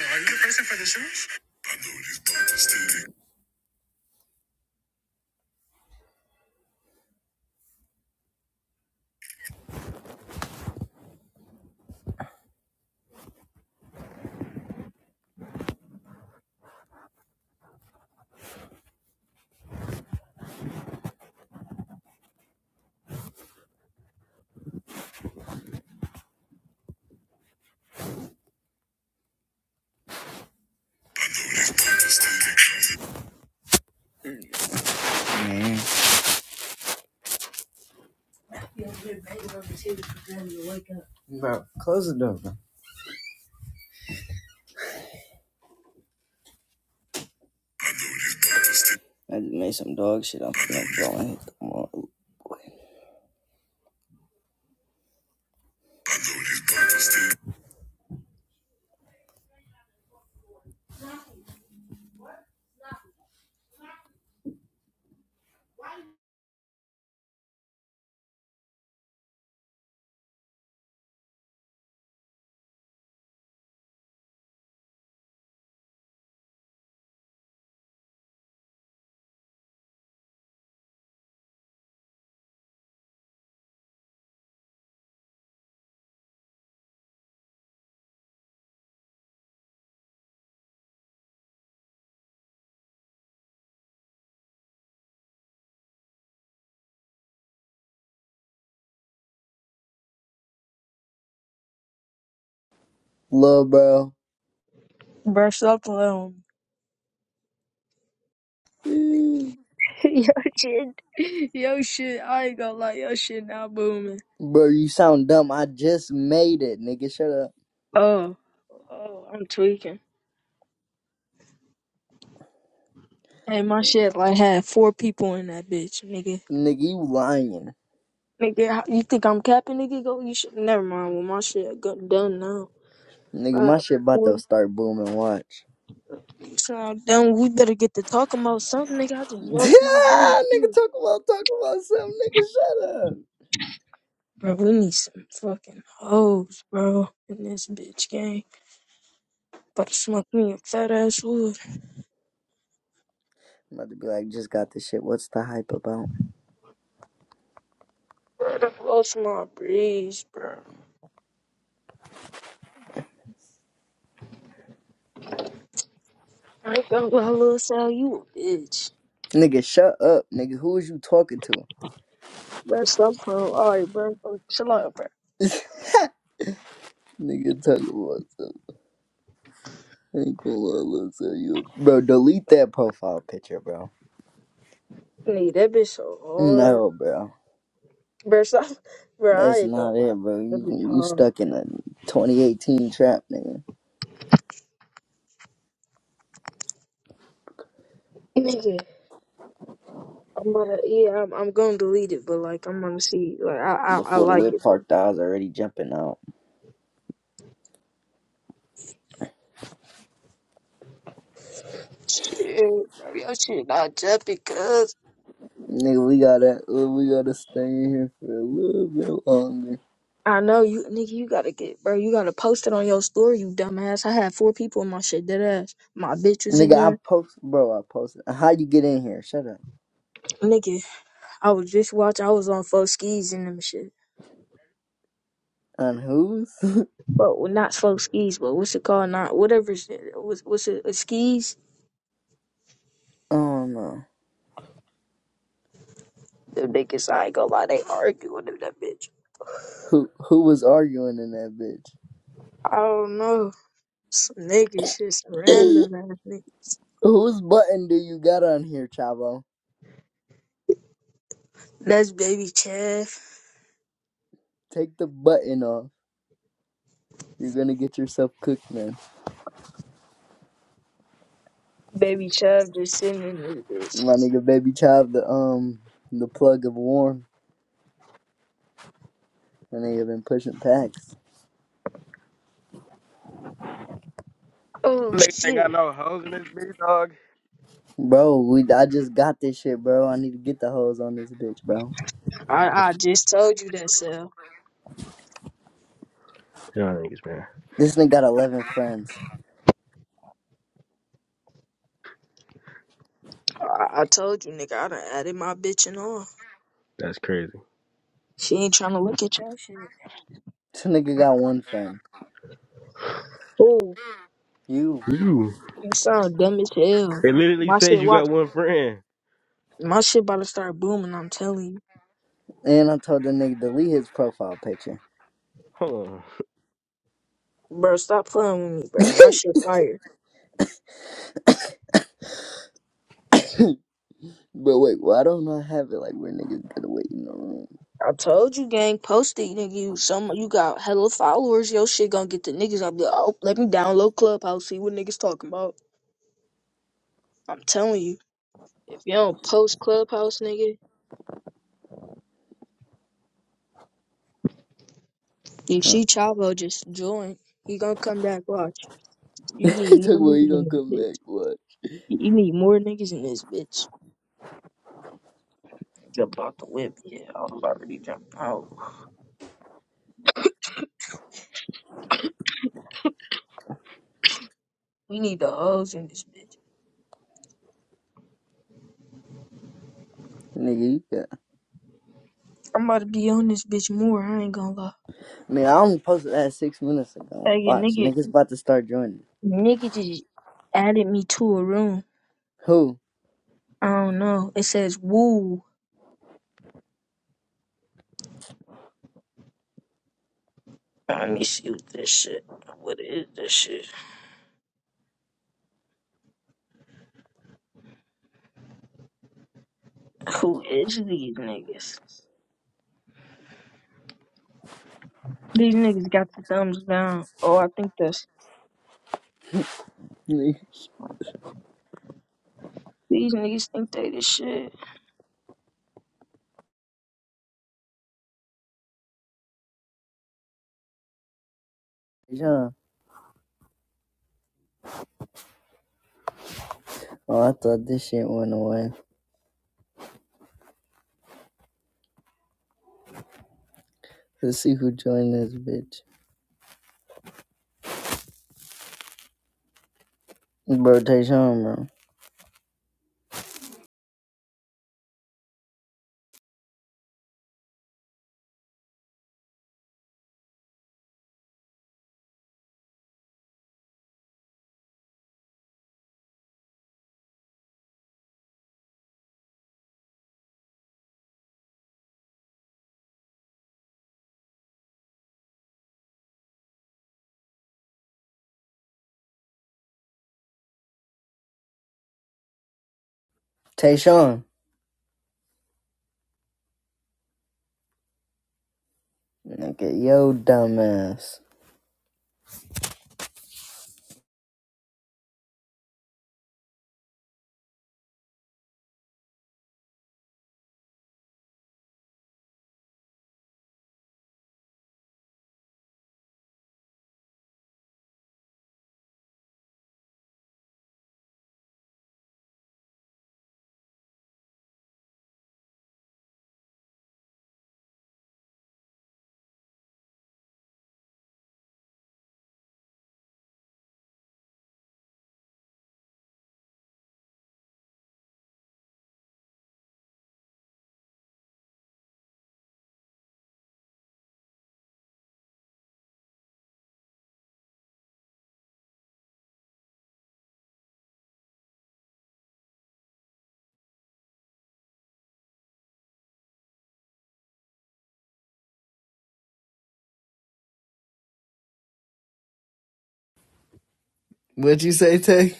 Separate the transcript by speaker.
Speaker 1: are you the person for the shoes? I just made some dog shit. I'm finna go and hit them up. Lil bro.
Speaker 2: Bro, stop alone.
Speaker 1: Mm.
Speaker 2: yo shit, yo shit. I ain't gonna lie, yo shit now booming.
Speaker 1: Bro, you sound dumb. I just made it, nigga. Shut up.
Speaker 2: Oh, oh, I'm tweaking. Hey, my shit like had four people in that bitch, nigga.
Speaker 1: Nigga, you lying.
Speaker 2: Nigga, how- you think I'm capping, nigga? Go, you should. Never mind. Well, my shit got done now.
Speaker 1: Nigga, my
Speaker 2: Uh,
Speaker 1: shit about
Speaker 2: four-
Speaker 1: to start booming. Watch.
Speaker 2: so I'm done. We better get to talking about something, nigga. I just lost my brain
Speaker 1: Yeah, nigga,
Speaker 2: too.
Speaker 1: talk about talk about something. Nigga, shut up.
Speaker 2: Bro, we need some fucking hoes, bro, in this bitch game. About to smoke me a fat ass wood.
Speaker 1: I'm about to be like, just got this shit. What's the hype about?
Speaker 2: Shut up, blow my breeze, bro. I ain't gonna lie, little Sal, you a bitch.
Speaker 1: Nigga, shut up, nigga. Who is you talking to?
Speaker 2: Bro, stop, bro. Alright, bro. Oh, Chill out, bro.
Speaker 1: Nigga, talk about something. Ain't cool, I'll tell you. Bro, delete that profile picture, bro.
Speaker 2: Nigga, that bitch so hard.
Speaker 1: No, bro.
Speaker 2: Bro, stop. Bro, I
Speaker 1: That's
Speaker 2: ain't gonna
Speaker 1: not
Speaker 2: lie.
Speaker 1: it, bro.
Speaker 2: That
Speaker 1: You
Speaker 2: bitch
Speaker 1: you
Speaker 2: hard,
Speaker 1: stuck
Speaker 2: bro.
Speaker 1: in a 2018 trap, nigga.
Speaker 2: Nigga, I'm gonna, yeah, I'm, I'm gonna delete it, but like, I'm gonna see, like, I, I, I
Speaker 1: Before the
Speaker 2: like
Speaker 1: whip
Speaker 2: it, though.
Speaker 1: parked, I was already jumping out.
Speaker 2: Shit, bro, your shit not jumping, cuz.
Speaker 1: Nigga, we gotta we gotta stay in here for a little bit longer.
Speaker 2: I know, you, nigga, you gotta get, bro, you gotta post it on your story, you dumbass. I had four people in my shit, dead ass. My bitch was in
Speaker 1: Nigga, I
Speaker 2: there.
Speaker 1: post, bro. I posted. How you get in here? Shut up.
Speaker 2: Nigga. I was just watching. I was on Fox skis and them shit.
Speaker 1: On who's?
Speaker 2: But well, not Fox skis, but what's it called? Not whatever. shit- What's what's it? uh, skis?
Speaker 1: oh no.
Speaker 2: Them niggas, I ain't gonna lie, they arguing with that bitch.
Speaker 1: Who who was arguing in that
Speaker 2: I don't know. Some niggas, just
Speaker 1: bitch?
Speaker 2: random ass niggas.
Speaker 1: Whose button do you got on here, Chavo?
Speaker 2: That's baby Chav.
Speaker 1: Take the button off. You're gonna get yourself cooked, man.
Speaker 2: Baby Chav just sitting in this bitch.
Speaker 1: My nigga baby child the um the plug of warm. My nigga been pushing packs.
Speaker 2: Oh
Speaker 3: Niggas ain't
Speaker 2: shit!
Speaker 3: got no hoes in this bitch, dog.
Speaker 1: Bro, we I just got this shit, bro. I need to get the hoes on this bitch, bro.
Speaker 2: I
Speaker 3: Man, what's
Speaker 2: I just told you that, Sal.
Speaker 3: you niggas, man?
Speaker 1: This nigga got eleven friends.
Speaker 2: I, I told you, nigga. I done added my bitch and all.
Speaker 3: That's crazy.
Speaker 2: She ain't trying to look at your shit.
Speaker 1: This nigga got one friend.
Speaker 2: Oh,
Speaker 1: You.
Speaker 3: You.
Speaker 2: you sound dumb as hell.
Speaker 3: It literally
Speaker 2: My
Speaker 3: says
Speaker 2: shit
Speaker 3: you
Speaker 2: watch.
Speaker 3: got one friend.
Speaker 2: My shit about to start booming, I'm telling you.
Speaker 1: And I told the nigga delete his profile picture.
Speaker 3: Hold on.
Speaker 2: Bro, stop playing with me, bro. My shit fire.
Speaker 1: But wait, why don't I have it like where niggas gotta wait in the room?
Speaker 2: I told you, gang, post it, nigga. You some you got hella followers. Your shit gonna get the niggas. I'll be like, oh, let me download Clubhouse, see what niggas talking about. I'm telling you. If you don't post Clubhouse, nigga, you
Speaker 1: Huh?
Speaker 2: see Chavo just join. He gonna come back, watch. You need
Speaker 1: he talk
Speaker 2: more
Speaker 1: about he
Speaker 2: niggas in
Speaker 1: gonna
Speaker 2: this
Speaker 1: come
Speaker 2: bitch.
Speaker 1: back. What?
Speaker 2: You need more niggas in this bitch. Jump out the whip, yeah. I was already jumping out. We need the hoes in this bitch.
Speaker 1: Nigga, you got.
Speaker 2: I'm about to be on this bitch more. I ain't gonna lie.
Speaker 1: Man, I only posted that six minutes ago.
Speaker 2: Hey, your
Speaker 1: Watch,
Speaker 2: nigga,
Speaker 1: niggas about to start joining.
Speaker 2: nigga just added me to a room.
Speaker 1: Who?
Speaker 2: I don't know. It says woo. Let me see what this shit. What is this shit? Who is these niggas? These niggas got the thumbs down. Oh, I think that's
Speaker 1: Nigga.
Speaker 2: these niggas think they the shit.
Speaker 1: John. Oh, I thought this shit went away. Let's see who joined this bitch. Bro, Tayshawn, bro. Tayshawn. Nigga, yo, dumbass. What'd you say, Tay?